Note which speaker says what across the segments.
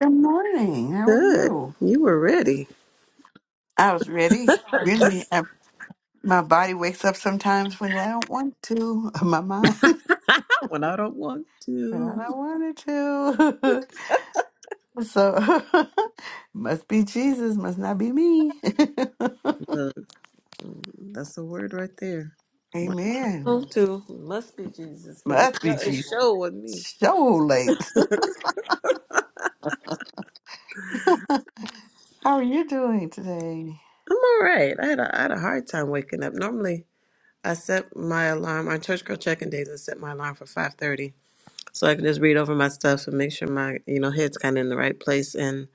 Speaker 1: Good morning. How are
Speaker 2: Good.
Speaker 1: you?
Speaker 2: You were ready.
Speaker 1: I was ready. Really, I, my body wakes up sometimes when I don't want to. My mind,
Speaker 2: Not When I don't want
Speaker 1: when I
Speaker 2: to.
Speaker 1: don't want it to. so, must be Jesus. Must not be me.
Speaker 2: Look, that's the word right there. When I
Speaker 1: Amen.
Speaker 2: don't want to. It must be Jesus because it
Speaker 1: Must be
Speaker 2: show, it
Speaker 1: Jesus.
Speaker 2: show with me.
Speaker 1: So late. How are you doing today?
Speaker 2: I'm all right. I had, a, I had a hard time waking up. Normally, I set my alarm on church girl checking days. I set my alarm for 5:30 so I can just read over my stuff and make sure my you know head's kind of in the right place. And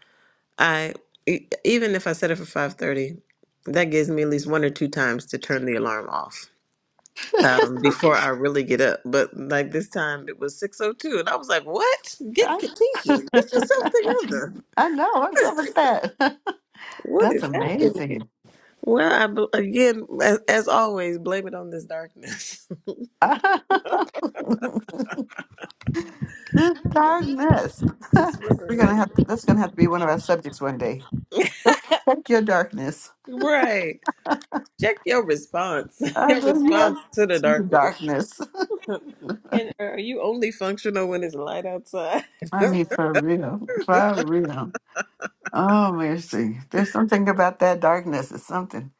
Speaker 2: I e- even if I set it for 5:30, that gives me at least one or two times to turn the alarm off um, before I really get up. But like this time it was 6.02 and I was like, what? Get
Speaker 1: I
Speaker 2: Katisha. Get yourself together.
Speaker 1: I know. What's up with that?
Speaker 2: What is
Speaker 1: That's
Speaker 2: happening here?
Speaker 1: amazing.
Speaker 2: Well, I, bl- again, as, as always, blame it on this darkness.
Speaker 1: This
Speaker 2: I
Speaker 1: darkness.
Speaker 2: just
Speaker 1: We're
Speaker 2: wasn't
Speaker 1: gonna
Speaker 2: ready.
Speaker 1: have to, that's gonna have to be one of our subjects one day. Check check your darkness.
Speaker 2: Right. Check your response.
Speaker 1: I
Speaker 2: Your
Speaker 1: said, yeah,
Speaker 2: response to the
Speaker 1: check your
Speaker 2: darkness.
Speaker 1: darkness.
Speaker 2: And are you only functional when it's light outside?
Speaker 1: I mean, for real, for real. Oh mercy, there's something about that darkness. It's something.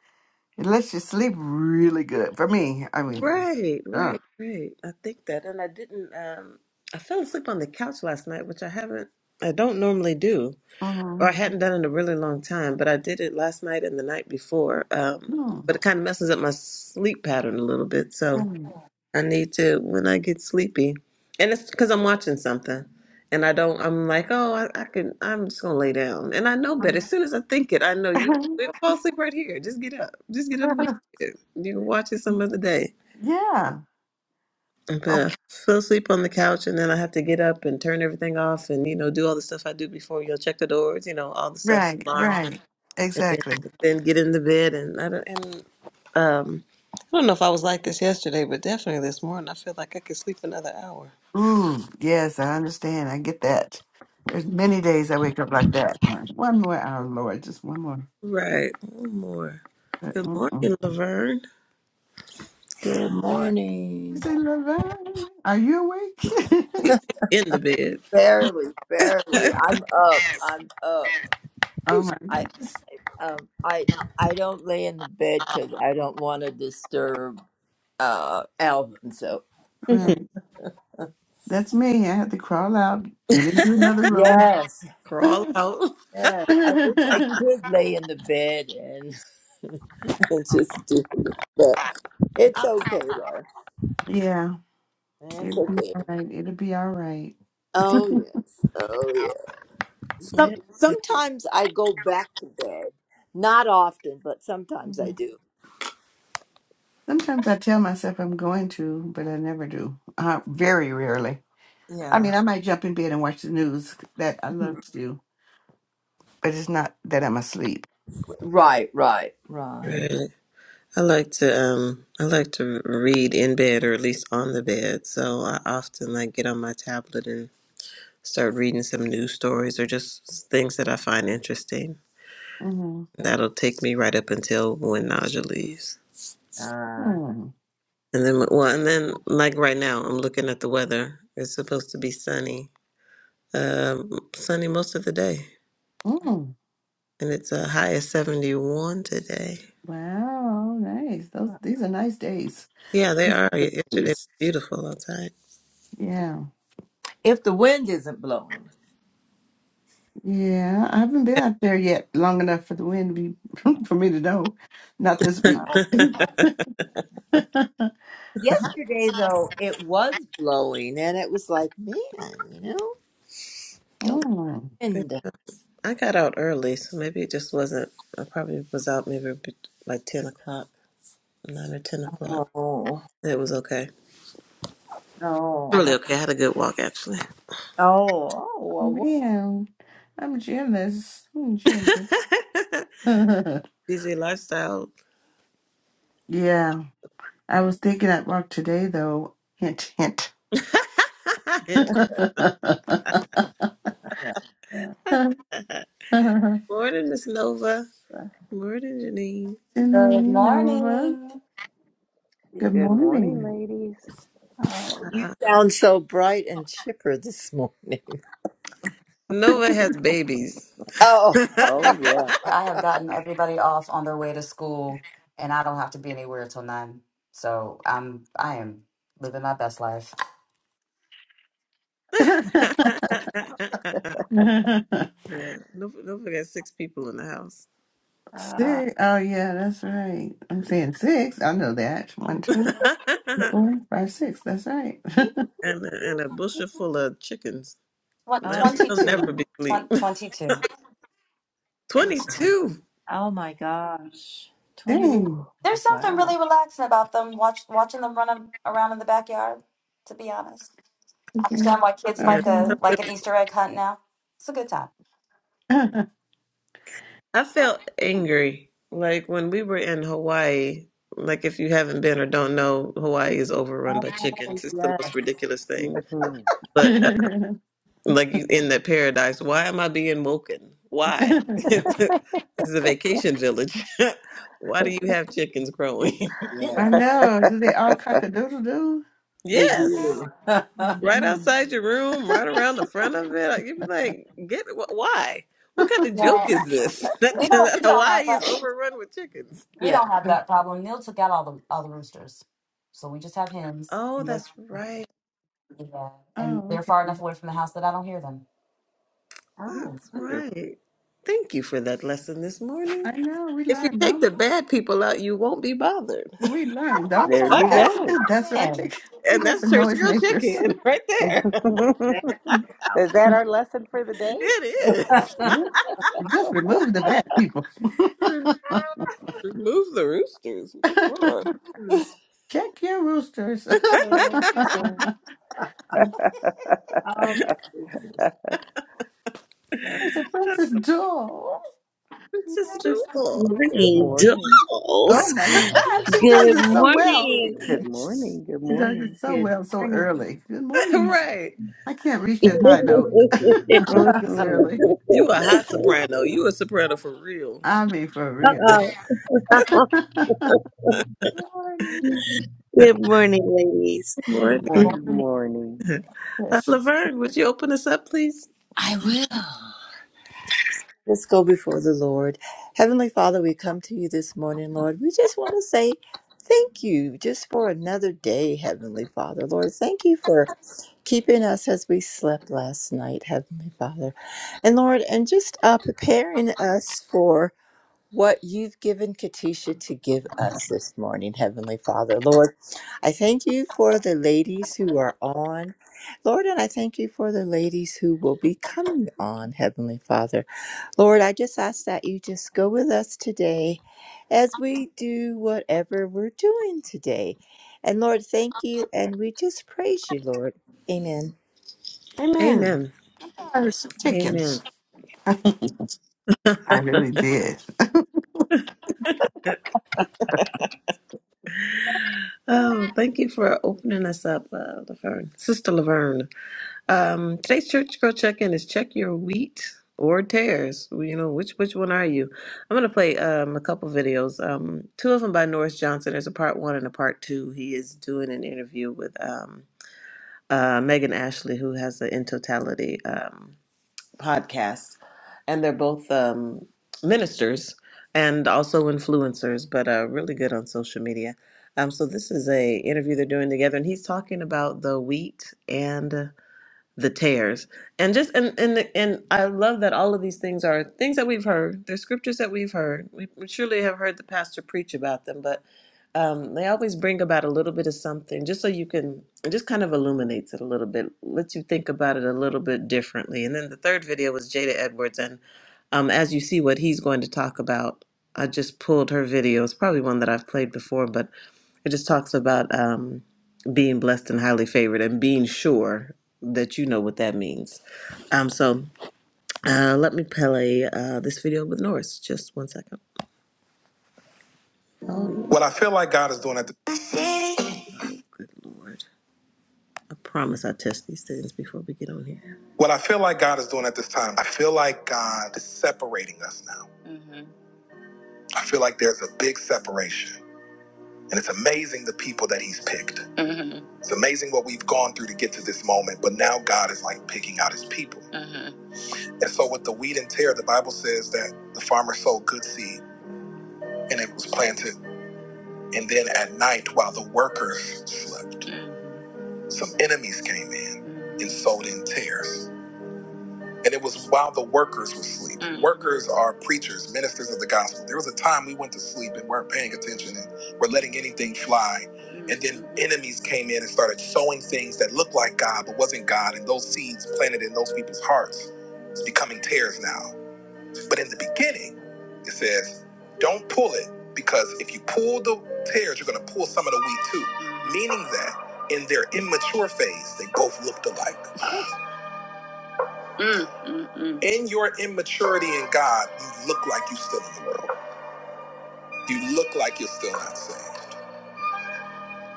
Speaker 1: It lets you sleep really good. For me, I mean,
Speaker 2: Right,
Speaker 1: uh,
Speaker 2: right, right. I think that. And I didn't, um, I fell asleep on the couch last night, which I haven't, I don't normally do, or I
Speaker 1: mm,
Speaker 2: hadn't done in a really long time, but I did it last night and the night before. Um,
Speaker 1: mm,
Speaker 2: but it kind of messes up my sleep pattern a little bit. So
Speaker 1: right.
Speaker 2: I need to, when I get sleepy, and it's because I'm watching something and I don't, I'm like, oh, I, I can, I'm just going to lay down. And I know better. As soon as I think it, I know you, we'll fall asleep right here. Just get up. Just get up. and go to bed. You can watch it some other day.
Speaker 1: yeah,
Speaker 2: And
Speaker 1: Oh,
Speaker 2: then I fell asleep on the couch, and then I have to get up and turn everything off, and you know, do all the stuff I do before you know, check the doors, you know, all the stuff,
Speaker 1: right,
Speaker 2: alarm,
Speaker 1: right,
Speaker 2: and then,
Speaker 1: exactly.
Speaker 2: then get in the bed. And I don't, and um, I don't know if I was like this yesterday, but definitely this morning, I feel like I could sleep another hour.
Speaker 1: Ooh, yes, I understand. I get that. There's many days I wake up like that. One more hour, Lord, just one more.
Speaker 2: Right, one more.
Speaker 1: But,
Speaker 2: Good
Speaker 1: mm-mm.
Speaker 2: morning, Laverne.
Speaker 3: Good
Speaker 1: I
Speaker 3: morning.
Speaker 1: say, Laverne, are you awake?
Speaker 2: In the bed,
Speaker 3: Barely, barely. I'm up. I'm up.
Speaker 1: oh my
Speaker 3: I
Speaker 1: goodness.
Speaker 3: um I I don't lay in the bed because I don't want to disturb uh Alvin. So
Speaker 1: Right. That's me. I had to crawl out, get into another room.
Speaker 3: yes,
Speaker 2: crawl out.
Speaker 3: yeah. I wish I could lay in the bed and, just do it, but it's okay though.
Speaker 1: yeah,
Speaker 3: It's
Speaker 1: it'll be
Speaker 3: okay.
Speaker 1: all right. It'll be all right.
Speaker 3: Oh yes. Oh yeah. Some sometimes I go back to bed. Not often, but sometimes I do.
Speaker 1: Sometimes I tell myself I'm going to, but I never do. Uh, very rarely. I
Speaker 3: Yeah.
Speaker 1: mean, I might jump in bed and watch the news. That I love to do but it's not that I'm asleep.
Speaker 3: Right, right, right.
Speaker 2: Yeah. I like to um I like to read in bed or at least on the bed. So I often like get on my tablet and start reading some news stories or just things that I find interesting.
Speaker 1: hmm
Speaker 2: That'll take me right up until when nausea leaves.
Speaker 3: Uh,
Speaker 1: mm
Speaker 2: And then well and then like right now I'm looking at the weather. It's supposed to be sunny. Um sunny most of the day.
Speaker 1: Mm.
Speaker 2: And it's a high of 71 today.
Speaker 1: Wow, nice. Those these are nice days.
Speaker 2: Yeah, they
Speaker 1: Nice
Speaker 2: are. Yesterday
Speaker 1: days.
Speaker 2: was beautiful outside.
Speaker 1: Yeah,
Speaker 3: if the wind isn't blowing.
Speaker 1: yeah. I haven't been out there yet long enough for the wind to be for me to know. Not this
Speaker 3: Uh,
Speaker 1: week.
Speaker 3: yesterday, though, it was blowing, and it was like, man, you know, don't
Speaker 1: Mm.
Speaker 3: wind.
Speaker 2: I got out early, so maybe it just wasn't. I probably was out maybe be- like 10 o'clock, 9 or 10 o'clock.
Speaker 3: Oh,
Speaker 2: It was okay.
Speaker 3: no.
Speaker 2: Really
Speaker 3: I-
Speaker 2: okay. I had a good walk, actually.
Speaker 3: Oh, oh,
Speaker 1: Oh
Speaker 3: well, what?
Speaker 1: man, I'm jealous. I'm jealous.
Speaker 3: yeah,
Speaker 2: Busy lifestyle.
Speaker 1: yeah, I was
Speaker 3: yeah,
Speaker 1: thinking I'd walk today though. Hint, hint. Sending
Speaker 3: yeah,
Speaker 2: Morning, Miss Nova. Morning, Janine.
Speaker 4: Good
Speaker 1: you Nova.
Speaker 4: morning.
Speaker 3: yeah.
Speaker 1: Good
Speaker 5: Good morning,
Speaker 1: morning.
Speaker 5: ladies.
Speaker 3: Oh, you
Speaker 2: Uh,
Speaker 3: sound so bright and chipper this morning.
Speaker 2: Nova has babies.
Speaker 3: Oh,
Speaker 2: yeah,
Speaker 5: Oh, yeah.
Speaker 4: I have gotten everybody off on their way to school, and I don't have to be anywhere till nine. So I'm I am living my best life.
Speaker 1: six.
Speaker 2: Nova, Nova got six people in the house.
Speaker 3: uh,
Speaker 1: Oh, yeah, that's right. I'm saying six. I know that. One, two, three,
Speaker 2: and,
Speaker 1: four, five, six. That's right.
Speaker 2: a- and a bushel full of chickens.
Speaker 4: What
Speaker 3: oh,
Speaker 2: They'll,
Speaker 3: my,
Speaker 2: they'll never
Speaker 4: 22,
Speaker 2: be asleep.
Speaker 4: twen 22. There's
Speaker 2: 22.
Speaker 3: oh my gosh. 20
Speaker 5: Ooh.
Speaker 1: Dang.
Speaker 4: something
Speaker 3: wow.
Speaker 4: really relaxing about them. Watch watching them running around in the backyard. To be honest, I
Speaker 1: Okay.
Speaker 4: understand why kids
Speaker 2: Yeah.
Speaker 4: like
Speaker 1: Okay.
Speaker 4: a like an Easter egg hunt now. It's a good time.
Speaker 2: I felt angry. Like when we were in Hawaii, like if you haven't been or don't know, Hawaii is overrun by
Speaker 3: Oh,
Speaker 2: chickens. It's the most
Speaker 3: yes.
Speaker 2: ridiculous thing.
Speaker 5: hmm
Speaker 2: But uh, like you- in that paradise, why am I being woken? Why? this is a vacation village. why do you have chickens growing?
Speaker 1: I know. Do they all cock a doodle doo?
Speaker 3: They
Speaker 2: yes.
Speaker 3: do.
Speaker 1: Oh,
Speaker 2: Right
Speaker 1: man.
Speaker 2: outside your room, right around the front of it. Like, You'd be like, get wh- why? What kind of joke
Speaker 4: Yeah,
Speaker 2: is this? that
Speaker 4: we don't
Speaker 2: that
Speaker 4: we don't have
Speaker 2: Hawaii is
Speaker 4: that
Speaker 2: overrun with chickens.
Speaker 4: we
Speaker 3: yeah.
Speaker 4: don't have that problem. Neil took out all the all the roosters, so we just have hens.
Speaker 2: Oh, that's right.
Speaker 4: Yeah. And
Speaker 1: Oh,
Speaker 4: they're
Speaker 1: okay.
Speaker 4: far enough away from the house that I don't hear them.
Speaker 3: Oh,
Speaker 2: That's
Speaker 3: wonderful.
Speaker 2: right. Thank you for that lesson this morning.
Speaker 1: I know. We
Speaker 2: If you
Speaker 1: learned,
Speaker 2: take
Speaker 1: don't
Speaker 2: the bad people out, you won't be bothered.
Speaker 1: we? We learned,
Speaker 4: Amen
Speaker 1: don't we?
Speaker 5: There
Speaker 4: to
Speaker 5: you
Speaker 4: that.
Speaker 1: That's
Speaker 2: and
Speaker 1: good.
Speaker 5: go.
Speaker 1: That's right. They,
Speaker 4: Amen.
Speaker 1: they got the
Speaker 2: that's church
Speaker 1: noise
Speaker 2: girl
Speaker 1: makers.
Speaker 2: chicken right there.
Speaker 3: That's
Speaker 1: yeah.
Speaker 5: Is that our lesson for the day?
Speaker 2: It is.
Speaker 3: out.
Speaker 1: Just remove the bad people.
Speaker 2: Re- Remove the roosters. Good lord.
Speaker 3: Cruise.
Speaker 1: Check your roosters.
Speaker 5: Uh, uh,
Speaker 3: oh, goodness. Uh,
Speaker 1: It's a Princess Doll.
Speaker 2: Princess
Speaker 1: There's
Speaker 2: Jewel.
Speaker 1: my-
Speaker 5: good
Speaker 6: morning,
Speaker 5: morning.
Speaker 1: Oh
Speaker 6: dolls.
Speaker 1: my God, she does
Speaker 6: Good
Speaker 1: it so well.
Speaker 6: morning.
Speaker 5: Good morning. Good
Speaker 1: She does
Speaker 5: morning.
Speaker 1: it so
Speaker 3: Good
Speaker 1: well so
Speaker 3: morning.
Speaker 1: early. Good morning.
Speaker 2: right.
Speaker 1: I can't reach that high note this
Speaker 5: hmm
Speaker 1: early.
Speaker 2: You a hot
Speaker 6: Uh-oh.
Speaker 2: soprano. You a soprano for real.
Speaker 1: I mean, for real. Good
Speaker 3: Good morning.
Speaker 6: Good morning, ladies.
Speaker 2: Good morning.
Speaker 5: Good
Speaker 1: morning,
Speaker 3: Morning.
Speaker 5: morning.
Speaker 2: Uh,
Speaker 1: precious.
Speaker 2: Laverne, would you open us up, please?
Speaker 3: I will. Let's go before the Lord. Heavenly Father, we come to you this morning, Lord. We just want to say thank you just for another day, Heavenly Father. Lord, thank you for keeping us as we slept last night, Heavenly Father. And Lord, and just uh, preparing us for what you've given Katisha to give us this morning, Heavenly Father. Lord, I thank you for the ladies who are on. Lord, and I thank you for the ladies who will be coming on, Heavenly Father. Lord, I just ask that you just go with us today as we do whatever we're doing today. And Lord, thank you, and we just praise you, Lord. Amen.
Speaker 1: Amen.
Speaker 2: Amen.
Speaker 1: There's some
Speaker 2: Amen.
Speaker 1: chickens. I really did.
Speaker 2: Oh, thank you for opening us up, uh, Laverne. Sister Laverne. Um, today's church girl check-in is check your wheat or tares. Well, You know, which which one are you? I'm gonna play um, a couple videos. Um, two of them by Norris Johnson. There's a part one and a part two. He is doing an interview with um, uh, Megan Ashley, who has the In Totality. Um, podcasts, and they're both um, ministers and also influencers, but uh, really good on social media. Um, so this is a interview they're doing together, and he's talking about the wheat and the tears and just and and and i love that all of these things are things that we've heard they're scriptures that we've heard we we surely have heard the pastor preach about them but um, they always bring about a little bit of something just so you can it just kind of illuminates it a little bit lets you think about it a little bit differently and then the third video was jada edwards and um, as you see what he's going to talk about i just pulled her video it's probably one that i've played before but it just talks about um, being blessed and highly favored and being sure that you know what that means. Um, so uh, let me play uh, this video with Norris. Just one second. Oh, yeah. What I feel like God is doing at the. Good Lord. I promise I test these things before we get on here. What I feel like God is doing at this time, I feel like God is separating us now. I feel like there's a big separation. And it's amazing the people that He's picked. It's amazing what we've gone through to get to this moment, but now God is like picking out his people. Mhm. And so, with the wheat and tear, the Bible says that the farmer sowed good seed and it was planted. And then at night, while the workers slept, some enemies came in and sowed in tares. and it was while the workers were asleep. Mm. Workers are preachers, ministers of the gospel. There was a time we went to sleep and weren't paying attention and were letting anything fly. Mm. And then enemies came in and started sowing things that looked like God but wasn't God. And those seeds planted in those people's hearts is becoming tares now. But in the beginning, it says, don't pull it because if you pull the tares, you're going to pull some of the wheat too. Meaning that in their immature phase, they both looked alike. Mm, mm, mm. In your immaturity in God, you look like you're still in the world. You look like you're still not saved.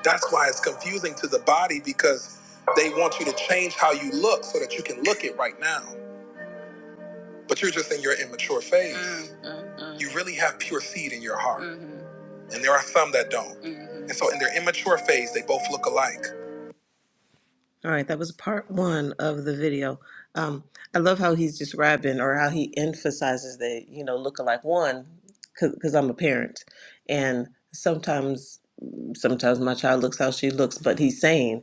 Speaker 2: That's why it's confusing to the body because they want you to change how you look so that you can look it right now. But you're just in your immature phase. Mm, mm, mm. You really have pure seed in your heart. Mhm, And there are some that don't. mhm. And so in their immature phase, they both look alike. All right, that was part one of the video. Um, I love how he's describing or how he emphasizes that, you know, lookalike one, because I'm a parent. And sometimes, sometimes my child looks how she looks, but he's saying,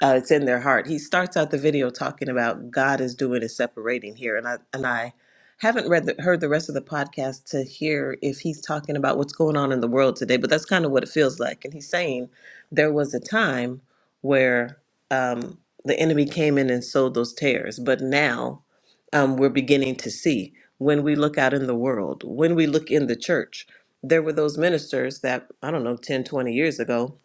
Speaker 2: uh, it's in their heart. He starts out the video talking about God is doing is separating here, and I and I haven't read the, heard the rest of the podcast to hear if he's talking about what's going on in the world today. But that's kind of what it feels like. And he's saying there was a time where um, the enemy came in and sowed those tears, but now um, we're beginning to see when we look out in the world, when we look in the church. There were those ministers that I don't know 10 20 years ago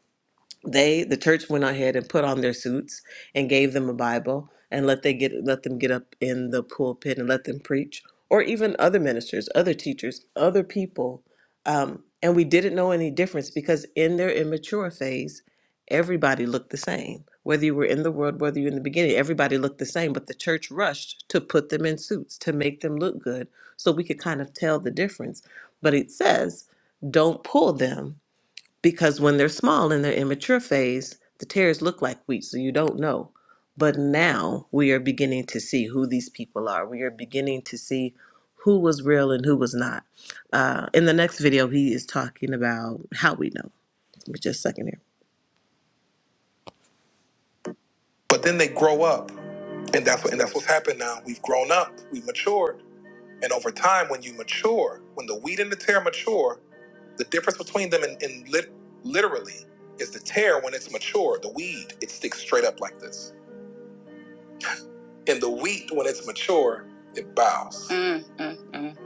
Speaker 2: they the church went ahead and put on their suits and gave them a bible and let they get let them get up in the pulpit and let them preach or even other ministers other teachers other people um, and we didn't know any difference because in their immature phase everybody looked the same whether you were in the world whether you were in the beginning everybody looked the same but the church rushed to put them in suits to make them look good so we could kind of tell the difference but it says don't pull them because when they're small in their immature phase, the tares look like wheat, so you don't know. But now we are beginning to see who these people are. We are beginning to see who was real and who was not. Uh, in the next video, he is talking about how we know. Give me Just a second here. But then they grow up, and that's what and that's what's happened now. We've grown up, we've matured, And over time, when you mature, when the wheat and the tear mature, the difference between them in, in lit- literally is the tear when it's mature, the weed, it sticks straight up like this. And the wheat, when it's mature, it bows. Mm, mm, mm.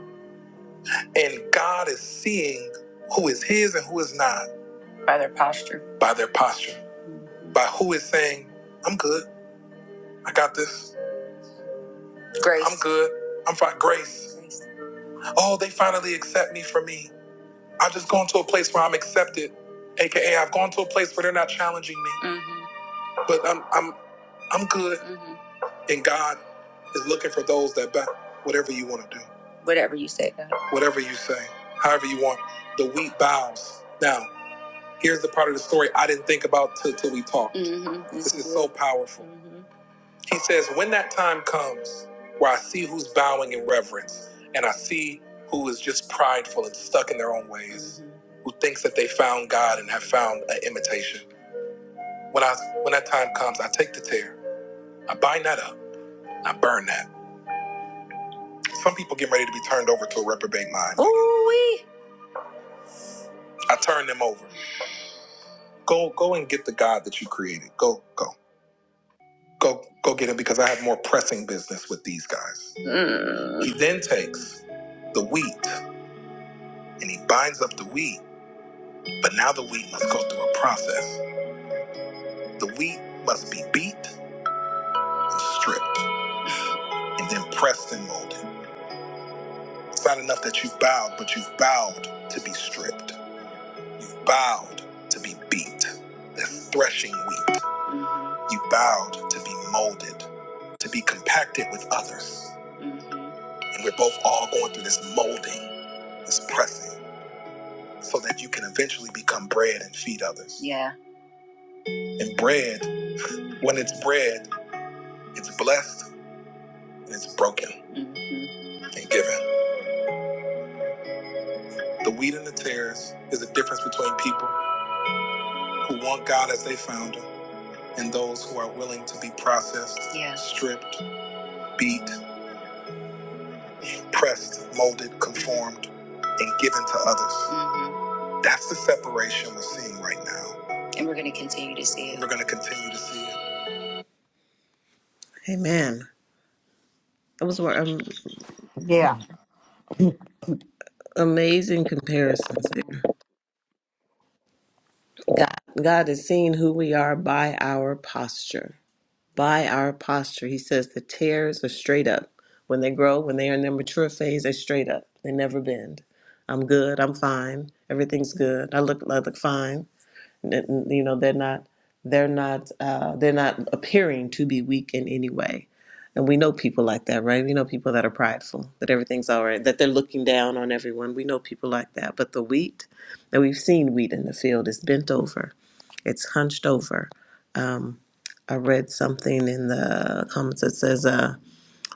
Speaker 2: And God is seeing who is His and who is not. By their posture. By their posture. Mhm. By who is saying, I'm good. I got this. Grace. I'm good. I'm fine. Grace. Grace. Oh, they finally accept me for me. I've just gone to a place where I'm accepted, aka I've gone to a place where they're not challenging me, Mhm. but I'm I'm I'm good, Mhm. and God is looking for those that battle. Whatever you want to do, whatever you say, God. Whatever you say, however you want. The wheat bows. Now, here's the part of the story I didn't think about till, till we talked. Mhm. This this is good. so powerful. Mm-hmm. He says, When that time comes where I see who's bowing in reverence and I see who is just prideful and stuck in their own ways, who thinks that they found God and have found an imitation, when, I, when that time comes, I take the tear, I bind that up, I burn that. Some people getting ready to be turned over to a reprobate mind. Ooh-wee. I turn them over. Go, go and get the God that you created. Go, go, go, go get him because I have more pressing business with these guys. Mm. He then takes the wheat and he binds up the wheat. But now the wheat must go through a process. The wheat must be beat and stripped, and then pressed and molded. It's not enough that you've bowed, but you've bowed to be stripped. You've bowed to be beat. That's threshing wheat. Mhm. You bowed to be molded, to be compacted with others. Mhm. And we're both all going through this molding, this pressing, so that you can eventually become bread and feed others. Yeah. And bread When it's bread, it's blessed and it's broken mm-hmm. and given. The wheat and the tares is a difference between people who want God as they found him and those who are willing to be processed, Yeah. stripped, beat, pressed, molded, conformed, and given to others. Mhm. That's the separation we're seeing right now. And we're going to continue to see it. We're going to continue to see it. Amen. Those were um,
Speaker 1: Yeah.
Speaker 2: amazing comparisons. God, God is seeing who we are by our posture. By our posture. He says the tears are straight up. When they grow, when they are in their mature phase, they're straight up. They never bend. I'm good. I'm fine. Everything's good. I look I look fine. N- You know, they're not they're not uh, they're not appearing to be weak in any way. And we know people like that, right? We know people that are prideful, that everything's all right, that they're looking down on everyone. We know people like that. But the wheat, and we've seen wheat in the field, is bent over it's hunched over. Um, I read something in the comments that says uh,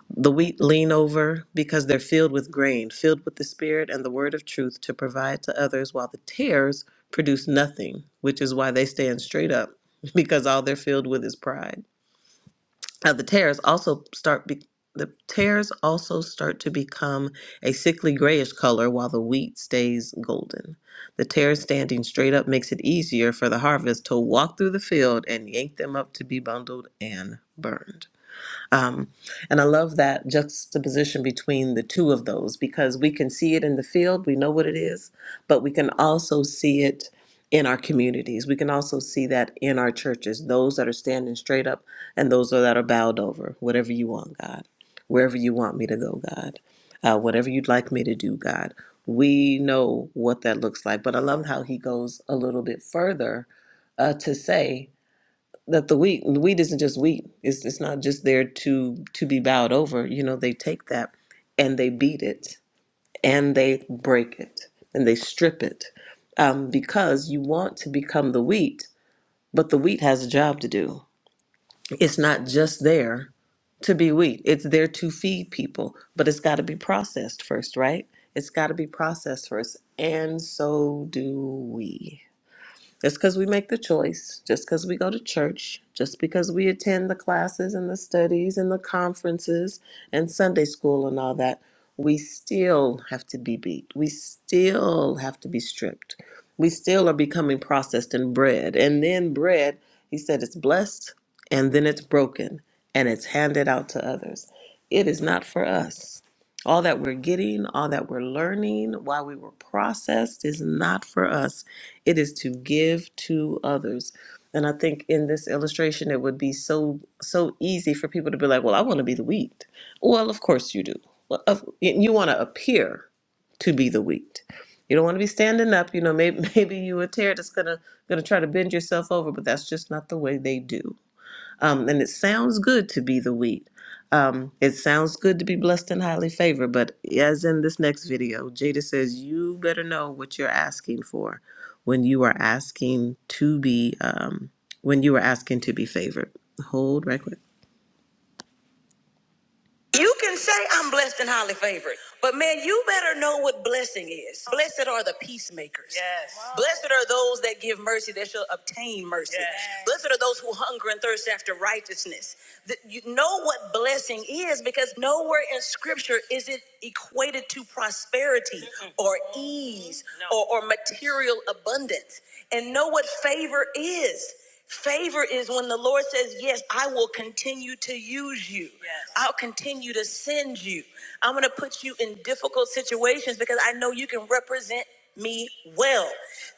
Speaker 2: the wheat lean over because they're filled with grain, filled with the spirit and the word of truth to provide to others, while the tares produce nothing, which is why they stand straight up because all they're filled with is pride. Now the tears also start be- the tears also start to become a sickly grayish color while the wheat stays golden. The tares standing straight up makes it easier for the harvest to walk through the field and yank them up to be bundled and burned. Um, and I love that juxtaposition between the two of those because we can see it in the field, we know what it is, but we can also see it in our communities. We can also see that in our churches, those that are standing straight up and those that are bowed over. Whatever you want, God. Wherever you want me to go, God. Uh, whatever you'd like me to do, God. We know what that looks like. But I love how he goes a little bit further uh, to say, that the wheat the wheat isn't just wheat. It's it's not just there to to be bowed over. You know, they take that and they beat it and they break it and they strip it um, because you want to become the wheat, but the wheat has a job to do. It's not just there to be wheat. It's there to feed people, but it's got to be processed first, right? It's got to be processed first, and so do we. Just because we make the choice, just because we go to church, just because we attend the classes and the studies and the conferences and Sunday school and all that, we still have to be beat. We still have to be stripped. We still are becoming processed and bread. And then bread, he said, it's blessed and then it's broken and it's handed out to others. It is not for us. All that we're getting, all that we're learning, why we were processed is not for us it is to give to others. And I think in this illustration, it would be so so easy for people to be like, "Well, I want to be the wheat." Well, of course you do. Well, of, you want to appear to be the wheat. You don't want to be standing up. You know, maybe maybe you a tear that's gonna gonna try to bend yourself over, but that's just not the way they do. Um, and it sounds good to be the wheat. Um, it sounds good to be blessed and highly favored, but as in this next video, Jada says, you better know what you're asking for when you are asking to be, um, when you are asking to be favored. Hold right quick. You can say I'm blessed and highly favored, but man, you better know what blessing is. Blessed are the peacemakers. Yes. Wow. Blessed are those that give mercy, that shall obtain mercy. Yes. Blessed are those who hunger and thirst after righteousness. That you know what blessing is because nowhere in Scripture is it equated to prosperity Mm-mm. or ease No. or, or material abundance. And know what favor is. Favor is when the Lord says, Yes, I will continue to use you. Yes. I'll continue to send you. I'm going to put you in difficult situations because I know you can represent me well.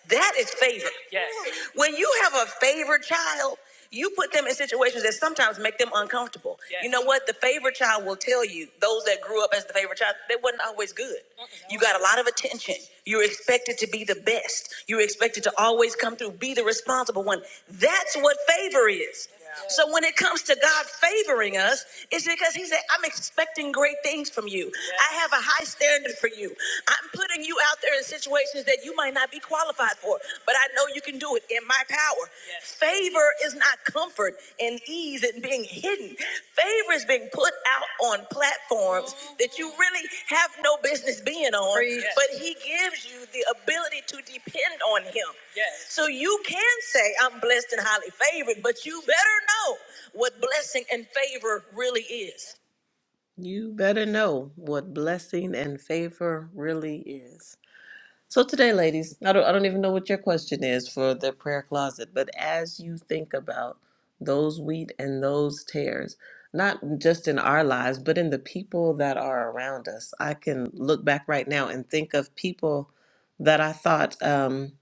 Speaker 2: That is favor. Yes. When you have a favored child, you put them in situations that sometimes make them uncomfortable. Yes. You Yes. know what? The favorite child will tell you, those that grew up as the favorite child, they wasn't always good. Mm-mm. You got a lot of attention. You're expected to be the best. You're expected to always come through, be the responsible one. That's what favor is. Yeah. So when it comes to God favoring us, it's because He said, I'm expecting great things from you. I have a high standard for you. I'm putting you out there in situations that you might not be qualified for, but I know you can do it in my power. Favor is not comfort and ease and being hidden. Favor is being put out on platforms that you really have no business being on, but He gives you the ability to depend on Him. So you can say, I'm blessed and highly favored, but you better know what blessing and favor really is. You better know what blessing and favor really is. So today, ladies, I don't, I don't even know what your question is for the prayer closet, but as you think about those wheat and those tares, not just in our lives, but in the people that are around us, I can look back right now and think of people that I thought um,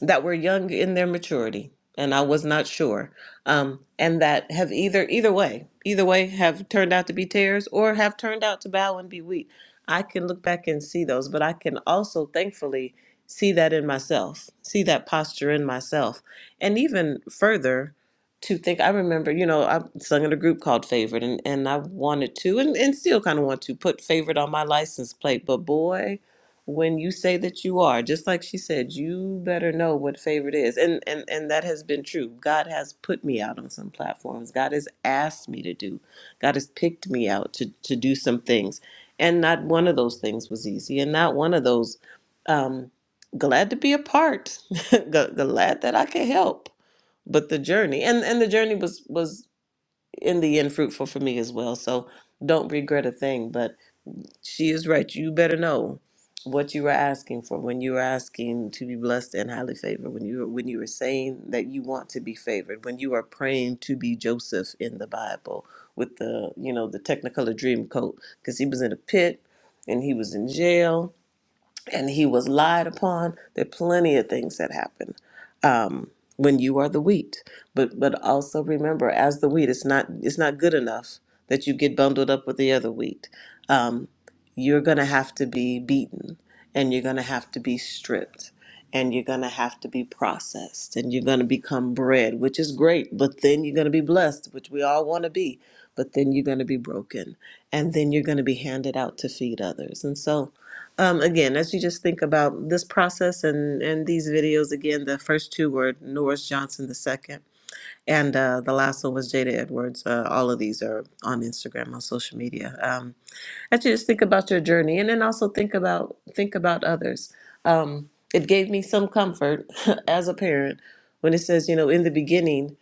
Speaker 2: that were young in their maturity, and I was not sure, um, and that have either either way, either way, have turned out to be tares or have turned out to bow and be wheat. I can look back and see those, but I can also thankfully see that in myself, see that posture in myself. And even further, to think, I remember, you know, I sung in a group called Favorite, and, and I wanted to, and, and still kind of want to, put Favorite on my license plate. But boy, when you say that you are, just like she said, you better know what Favorite is. And, and, and that has been true. God has put me out on some platforms, God has asked me to do, God has picked me out to, to do some things. And not one of those things was easy, and not one of those. Um, glad to be a part Gl- glad that i could help but the journey and and the journey was was in the end fruitful for me as well so don't regret a thing but she is right you better know what you were asking for when you were asking to be blessed and highly favored when you were when you were saying that you want to be favored when you are praying to be joseph in the bible with the you know the technicolor dream coat because he was in a pit and he was in jail and he was lied upon. There are plenty of things that happen um, when you are the wheat. But but also remember, as the wheat, it's not it's not good enough that you get bundled up with the other wheat. Um, you're gonna have to be beaten, and you're gonna have to be stripped, and you're gonna have to be processed, and you're gonna become bread, which is great. But then you're gonna be blessed, which we all want to be. But then you're gonna be broken, and then you're gonna be handed out to feed others, and so. Um, again, as you just think about this process and and these videos, again, the first two were Norris Johnson the second, and uh, the last one was Jada Edwards. Uh, all of these are on Instagram on social media. Um, I should just think about your journey, and then also think about think about others. Um, it gave me some comfort as a parent when it says, you know, in the beginning,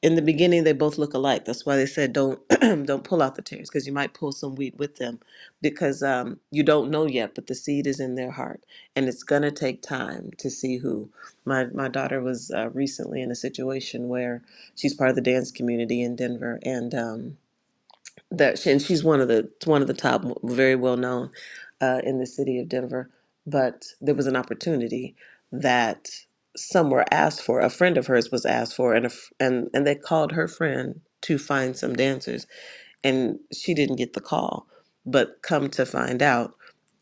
Speaker 2: in the beginning they both look alike. That's why they said don't don't pull out the tears because you might pull some wheat with them because um, you don't know yet, but the seed is in their heart, and it's gonna take time to see who. My my daughter was uh, recently in a situation where she's part of the dance community in Denver, and. Um, that and she's one of the one of the top very well known uh, in the city of Denver but there was an opportunity that some were asked for a friend of hers was asked for and a, f- and and they called her friend to find some dancers and she didn't get the call but come to find out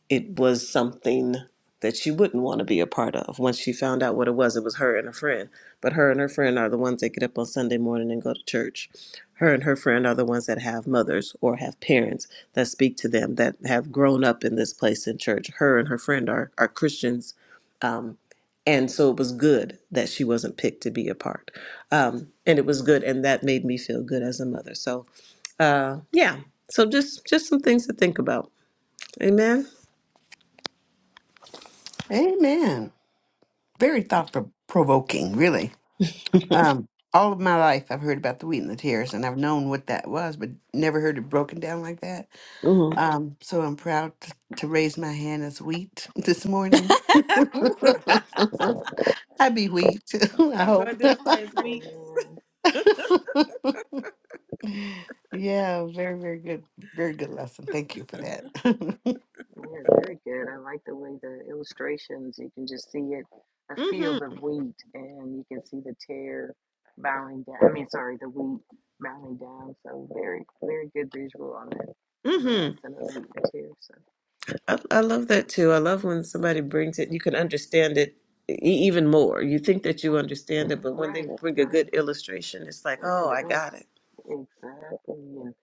Speaker 2: it was something that she wouldn't want to be a part of. Once she found out what it was, it was her and a friend. But her and her friend are the ones that get up on Sunday morning and go to church. Her and her friend are the ones that have mothers or have parents that speak to them, that have grown up in this place in church. Her and her friend are, are Christians. Um, and so it was good that she wasn't picked to be a part. Um, and it was good, and that made me feel good as a mother. So, uh, yeah. So just just some things to think about. Amen.
Speaker 1: Amen. Very thought provoking, really. Um, all of my life, I've heard about the wheat and the tears, and I've known what that was, but never heard it broken down like that. Um, so I'm proud to, to raise my hand as wheat this morning. I be wheat. I
Speaker 2: Trying to
Speaker 1: hope.
Speaker 2: identify as weeks.
Speaker 5: Amen.
Speaker 1: yeah, very, very good. Very good lesson. Thank you for that.
Speaker 5: Yeah, very good. I like the way the illustrations, you can just see it, a
Speaker 2: hmm
Speaker 5: field of wheat, and you can see the tear bowing down. I mean, sorry, the wheat bowing down. So very, very good visual on that, the
Speaker 2: hmm
Speaker 5: lesson of the wheat and tear. So,
Speaker 2: I, I love that too. I love when somebody brings it, you can understand it e- even more. You think that you
Speaker 5: mhm.
Speaker 2: understand it, but when they
Speaker 5: right,
Speaker 2: bring a
Speaker 5: right.
Speaker 2: good illustration, it's like, oh,
Speaker 5: yeah,
Speaker 2: I
Speaker 5: the illus
Speaker 2: got it.
Speaker 5: exactly. And,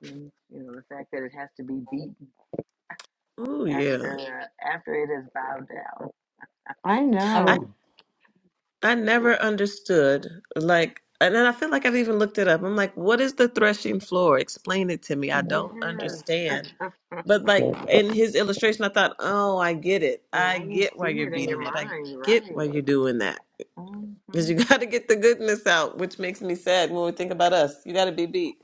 Speaker 5: and you know, the fact that it has to be beaten
Speaker 2: Oh, yeah.
Speaker 5: after uh, after it is bowed down.
Speaker 1: I
Speaker 4: I mean,
Speaker 1: know.
Speaker 2: I never understood, like, and then I feel like I've even looked it up. I'm like, what is the threshing floor? Explain it to me. I don't
Speaker 5: Yes.
Speaker 2: understand. But like in his illustration, I thought, oh, I get it. I
Speaker 5: Now you
Speaker 2: get
Speaker 5: see
Speaker 2: why you're
Speaker 5: it in your
Speaker 2: beating it. I
Speaker 5: mind,
Speaker 2: get why
Speaker 5: right?
Speaker 2: you're doing that.
Speaker 5: hmm
Speaker 2: Because you got to get the goodness out, which makes me sad when we think about us. You got to be beat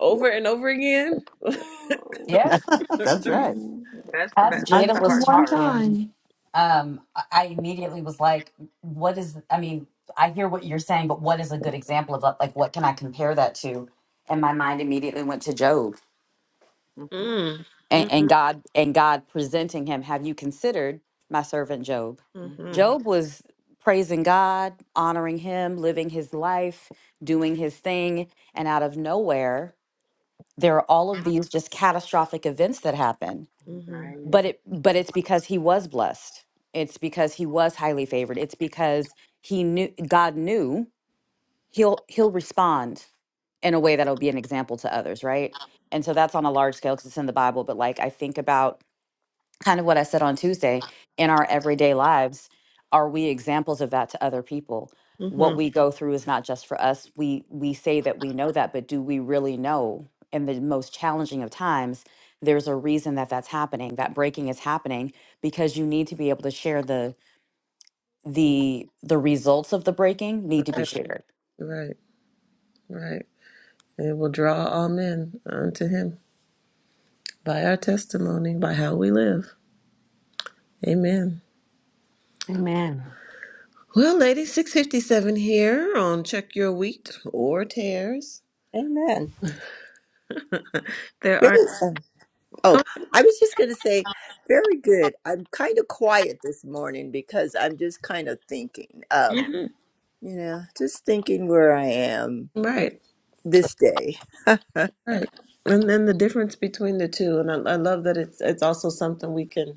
Speaker 2: over and over again.
Speaker 5: Oh,
Speaker 4: yeah.
Speaker 1: That's right.
Speaker 5: Mm, That's the
Speaker 4: As
Speaker 5: ba-
Speaker 1: Not
Speaker 5: that's
Speaker 4: Jada
Speaker 5: the
Speaker 1: just
Speaker 4: was
Speaker 5: hard
Speaker 1: one
Speaker 5: part.
Speaker 4: talking,
Speaker 1: time.
Speaker 4: um, I I immediately was like, what is, I mean, I hear what you're saying, but what is a good example of that? Like, what can I compare that to? And my mind immediately went to Job
Speaker 5: Mhm,
Speaker 2: Mm.
Speaker 4: and,
Speaker 2: Mm-hmm.
Speaker 4: and God and God presenting him. Have you considered my servant Job?
Speaker 2: Mm-hmm.
Speaker 5: mhm.
Speaker 4: Job was praising God, honoring him, living his life, doing his thing. And out of nowhere, there are all of these just catastrophic events that happen
Speaker 2: Mm-hmm.
Speaker 5: Right.
Speaker 4: but it but it's because he was blessed it's because he was highly favored it's because he knew god knew he'll he'll respond in a way that'll be an example to others right and so that's on a large scale because it's in the bible but like i think about kind of what I said on Tuesday, in our everyday lives, are we examples of that to other people? What
Speaker 2: Mm-hmm.
Speaker 4: we go through is not just for us. We we say that we know that, but do we really know? In the most challenging of times, there's a reason that that's happening. That breaking is happening because you need to be able to share the the the results of the breaking need to be
Speaker 2: Right.
Speaker 4: shared.
Speaker 2: Right. Right. It will draw all men unto him. by our testimony, by how we live. Amen.
Speaker 1: Amen.
Speaker 2: Well, ladies, 657 here on Check Your Wheat or Tears.
Speaker 3: Amen.
Speaker 2: There are
Speaker 3: Great.
Speaker 2: go-
Speaker 3: Oh, I was just going to say, very good. I'm kind of quiet this morning because I'm just kind of thinking, um, you know, just thinking where I am
Speaker 2: right,
Speaker 3: this day. Amen.
Speaker 2: right. And then the difference between the two. And I, I love that it's it's also something we can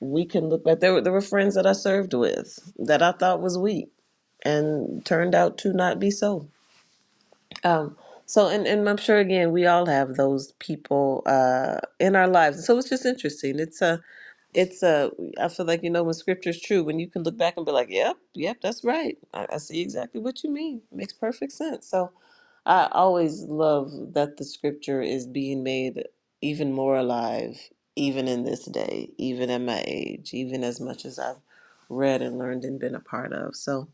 Speaker 2: we can look back. There were there were friends that I served with that I thought was wheat and turned out to not be so. Um, so, and, and I'm sure again, we all have those people uh, in our lives. So it's just interesting. It's a it's a i feel like you know when scripture's true when you can look back and be like yep yep that's right i, I see exactly what you mean makes perfect sense so i always love that the scripture is being made even more alive even in this day even at my age even as much as i've read and learned and been a part of so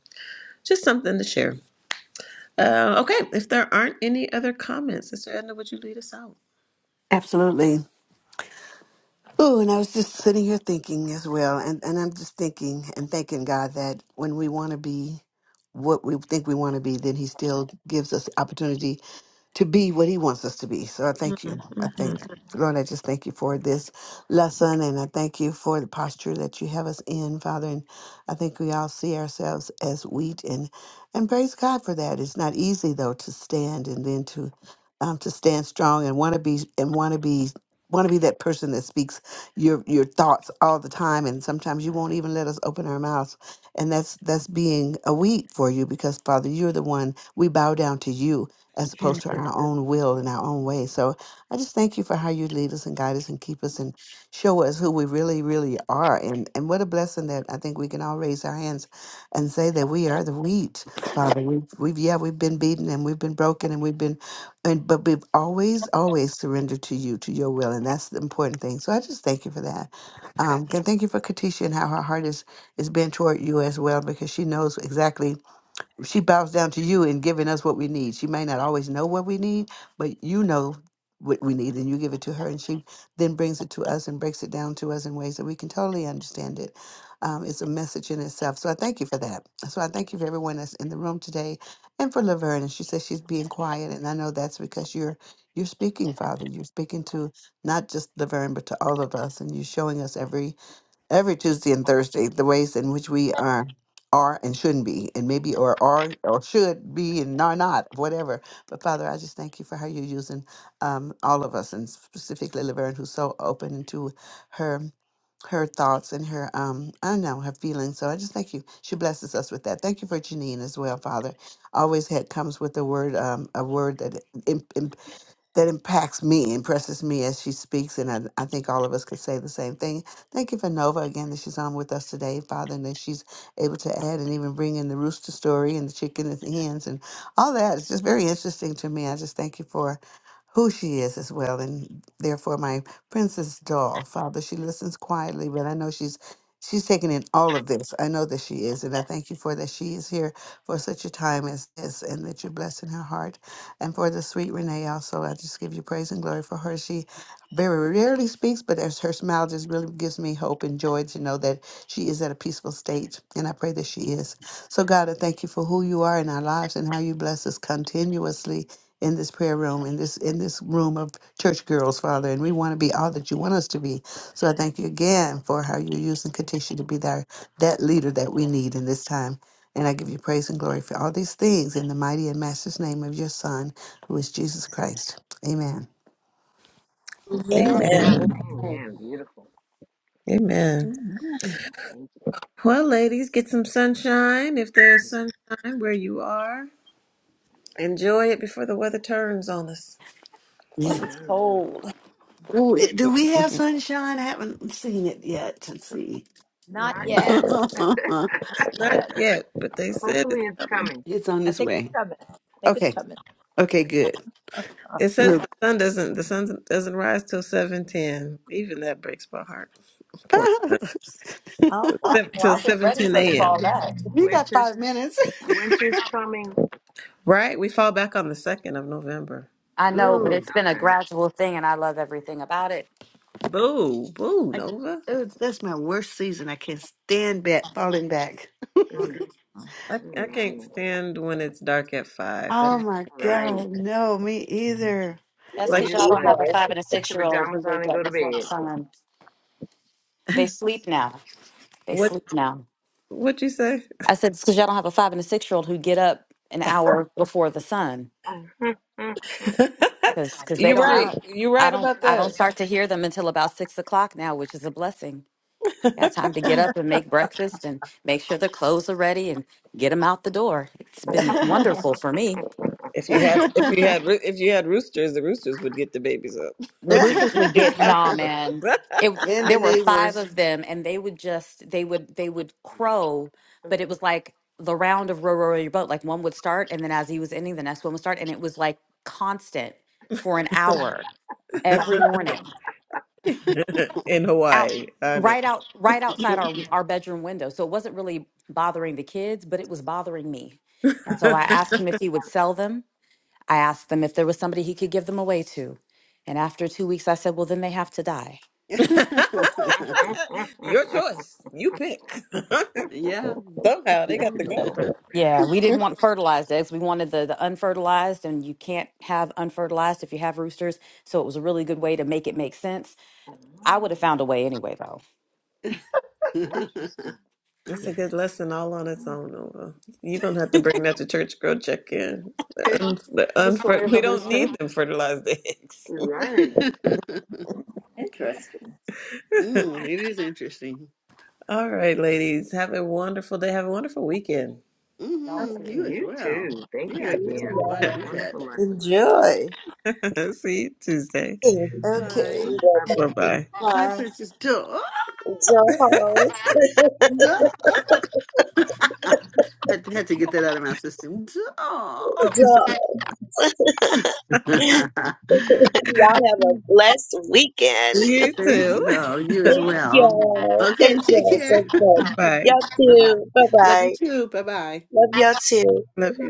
Speaker 2: just something to share uh, okay if there aren't any other comments sister edna would you lead us out
Speaker 1: Absolutely. Oh, and I was just sitting here thinking as well, and, and I'm just thinking and thanking God that when we want to be what we think we want to be, then He still gives us opportunity to be what he wants us to be. So I thank you. I thank
Speaker 2: Mhm,
Speaker 1: Lord, I just thank you for this lesson and I thank you for the posture that you have us in, Father. And I think we all see ourselves as wheat and and praise God for that. It's not easy though to stand and then to um to stand strong and wanna be and wanna be want to be that person that speaks your your thoughts all the time and sometimes you won't even let us open our mouths and that's that's being a wheat for you because father you're the one we bow down to you as
Speaker 2: mhm.
Speaker 1: opposed to our own will and our own way. So I just thank you for how you lead us and guide us and keep us and show us who we really, really are. And and what a blessing that I think we can all raise our hands and say that we are the wheat, Father. We've, we've yeah, we've been beaten and we've been broken and we've been, and but we've always, always surrendered to you, to your will, and that's the important thing. So I just thank you for that. Um, and thank you for Katisha and how her heart is is bent toward you as well, because she knows exactly she bows down to you in giving us what we need. She may not always know what we need, but you know what we need and you give it to her and she then brings it to us and breaks it down to us in ways that we can totally understand it. Um, it's a message in itself. So I thank you for that. So I thank you for everyone that's in the room today and for Laverne. And she says she's being quiet. And I know that's because you're you're speaking, Father. You're speaking to not just Laverne, but to all of us. And you're showing us every every Tuesday and Thursday the ways in which we are are and shouldn't be, and maybe or are or should be and are not, whatever. But Father, I just thank you for how you're using um, all of us, and specifically Laverne, who's so open into her her thoughts and her um I don't know her feelings. So I just thank you. She blesses us with that. Thank you for Janine as well, Father. Always had comes with a word um a word that that impacts me, impresses me as she speaks. And I, I think all of us could say the same thing. Thank you for Nova again that she's on with us today, Father, and that she's able to add and even bring in the rooster story and the chicken and the hens and all that. It's just very interesting to me. I just thank you for who she is as well. And therefore, my princess doll, Father, she listens quietly, but I know she's. She's taking in all of this. I know that she is. And I thank you for that. She is here for such a time as this and that you're blessing her heart and for the sweet Renee also. I just give you praise and glory for her. She very rarely speaks, but as her smile just really gives me hope and joy to know that she is at a peaceful state, and I pray that she is. So, God, I thank you for who you are in our lives and how you bless us continuously in this prayer room, in this in this room of church girls, Father, and we want to be all that you want us to be. So I thank you again for how you use and continue to be there, that leader that we need in this time. And I give you praise and glory for all these things in the mighty and master's name of your Son, who is Jesus Christ. Amen.
Speaker 3: Amen.
Speaker 2: amen
Speaker 6: Amen.
Speaker 5: Amen. Beautiful.
Speaker 2: amen
Speaker 3: Mhm.
Speaker 5: Thank you.
Speaker 2: Well, ladies, get some sunshine if there's sunshine where you are. Enjoy it before the weather turns on us, before it
Speaker 1: Yeah.
Speaker 2: gets
Speaker 5: Amen.
Speaker 2: cold.
Speaker 1: Ooh, do we have sunshine? I haven't seen it yet. Let's see.
Speaker 3: Not
Speaker 5: Not yet.
Speaker 3: yet.
Speaker 1: it's on
Speaker 3: Not
Speaker 2: Not
Speaker 3: yet.
Speaker 2: yet, but they said it's
Speaker 5: Hopefully, it's
Speaker 2: coming.
Speaker 5: coming.
Speaker 3: I
Speaker 1: its
Speaker 3: think it's
Speaker 1: way.
Speaker 3: coming. I think it's
Speaker 1: Okay.
Speaker 3: coming.
Speaker 1: Okay, good.
Speaker 2: It says the
Speaker 1: Look.
Speaker 2: sun doesn't the sun doesn't rise till seven ten. Even that breaks my heart. Poor sun.
Speaker 3: Oh wow.
Speaker 2: Seven-
Speaker 4: Well,
Speaker 2: till
Speaker 4: I've been
Speaker 2: seven
Speaker 4: ready
Speaker 2: ten
Speaker 4: for the
Speaker 2: a.m.
Speaker 4: fall back.
Speaker 1: You got five
Speaker 5: Winter's
Speaker 1: minutes.
Speaker 5: winter's coming.
Speaker 2: Right? We fall back on the second of November.
Speaker 4: I
Speaker 5: Oh,
Speaker 4: know,
Speaker 5: is
Speaker 4: but
Speaker 5: it?
Speaker 1: Ooh,
Speaker 4: it's been a
Speaker 5: Okay.
Speaker 4: gradual thing, and I love everything about it.
Speaker 2: Boo, boo,
Speaker 1: I,
Speaker 2: Nova.
Speaker 1: ooh, that's my worst season. I can't stand back, falling back.
Speaker 5: Mm,
Speaker 2: I,
Speaker 5: mm,
Speaker 2: I can't
Speaker 5: no.
Speaker 2: stand when it's dark at five. That
Speaker 1: Oh
Speaker 2: makes
Speaker 1: my
Speaker 2: me angry.
Speaker 5: Right.
Speaker 1: God. No, me either.
Speaker 4: That's
Speaker 2: Like
Speaker 5: You
Speaker 4: because
Speaker 5: just
Speaker 4: y'all
Speaker 5: want
Speaker 4: don't
Speaker 5: to
Speaker 4: have a
Speaker 5: get
Speaker 6: Evil.
Speaker 5: your
Speaker 4: five and a
Speaker 5: put
Speaker 4: six
Speaker 5: your
Speaker 4: year old who
Speaker 5: pajamas on
Speaker 4: wake
Speaker 5: and go
Speaker 4: up
Speaker 5: to
Speaker 4: before the
Speaker 5: bed.
Speaker 4: sun. They sleep now. They
Speaker 2: what?
Speaker 4: sleep now.
Speaker 2: What you say?
Speaker 4: I said it's because y'all don't have a five and a six year old who get up an hour before the sun
Speaker 5: Mhm, mhm, mhm.
Speaker 4: because they
Speaker 2: You're
Speaker 4: don't. I
Speaker 2: right.
Speaker 5: True.
Speaker 4: don't.
Speaker 2: You're
Speaker 4: I
Speaker 2: right
Speaker 4: don't.
Speaker 2: about
Speaker 4: I don't
Speaker 2: that.
Speaker 4: start to hear them until about six o'clock now, which is a blessing. Got time to get up and make breakfast and make sure their clothes are ready and get them out the door. It's been wonderful for me.
Speaker 2: If you had, if you had, roo- if you had roosters, the roosters would get the babies up.
Speaker 4: the
Speaker 2: But you,
Speaker 4: roosters would
Speaker 2: you
Speaker 4: get
Speaker 2: got
Speaker 4: nah
Speaker 2: rid of
Speaker 4: man it
Speaker 1: and the
Speaker 4: there were five
Speaker 1: neighbors.
Speaker 4: of them and they would just they would they would crow
Speaker 5: Mhm,
Speaker 4: but it was like the round of row row row your boat like one would start and then as he was ending the next one would start and it was like constant for an hour every morning
Speaker 2: them. in
Speaker 4: out
Speaker 5: mhm,
Speaker 2: Hawaii. I know.
Speaker 4: right out right outside our our bedroom window so it wasn't really bothering the kids but it was bothering me and so i asked him if he would sell them i asked them if there was somebody he could give them away to and after two weeks i said well then they have to die
Speaker 5: mhm,
Speaker 2: Your
Speaker 5: mhm,
Speaker 2: choice. You pick.
Speaker 1: yeah.
Speaker 2: Somehow they
Speaker 1: mm,
Speaker 2: got to go.
Speaker 4: Yeah, we didn't want fertilized eggs. We wanted the, the unfertilized, and you can't have unfertilized if you have roosters. So it was a really good way to make it make sense. I would have
Speaker 5: mhm.
Speaker 4: found a way anyway, though.
Speaker 5: Oh, Interesting.
Speaker 2: That's
Speaker 4: Yeah.
Speaker 2: a good lesson all on its own, Nova. You're gonna have to bring that to church girl check in. But
Speaker 4: The story
Speaker 2: unfer-
Speaker 4: of
Speaker 2: we
Speaker 4: the
Speaker 2: don't
Speaker 4: rooster.
Speaker 2: need them fertilized eggs.
Speaker 5: Right.
Speaker 3: Interesting.
Speaker 1: it is interesting.
Speaker 2: all right, ladies. Have a wonderful day. Have a wonderful weekend.
Speaker 3: Okay.
Speaker 1: hmm You as
Speaker 5: You
Speaker 1: well.
Speaker 5: too. Thank you
Speaker 1: Yeah,
Speaker 6: Thank you,
Speaker 5: again.
Speaker 1: everyone
Speaker 6: Lord.
Speaker 1: do that.
Speaker 5: Wonderful lesson.
Speaker 3: Enjoy.
Speaker 2: See you Tuesday.
Speaker 6: Thank you.
Speaker 3: Okay.
Speaker 1: Bye.
Speaker 6: You're
Speaker 5: Bye.
Speaker 2: Bye
Speaker 6: welcome.
Speaker 2: bye.
Speaker 1: Bye,
Speaker 3: Bye.
Speaker 1: Princess Dora.
Speaker 6: Dolls.
Speaker 1: I had to get that out of my system. Doll.
Speaker 6: Dolls. Y'all have a blessed weekend.
Speaker 2: You
Speaker 1: Thanks,
Speaker 2: too.
Speaker 1: though. You as
Speaker 6: Thank
Speaker 1: well.
Speaker 6: y'all.
Speaker 1: Okay,
Speaker 6: Thank
Speaker 1: take
Speaker 6: y'all so
Speaker 1: care.
Speaker 6: much.
Speaker 2: Bye.
Speaker 6: Y'all
Speaker 1: bye bye.
Speaker 6: too.
Speaker 1: Love you
Speaker 6: Bye-bye.
Speaker 1: too. Bye bye.
Speaker 6: Love y'all too.
Speaker 2: Love you.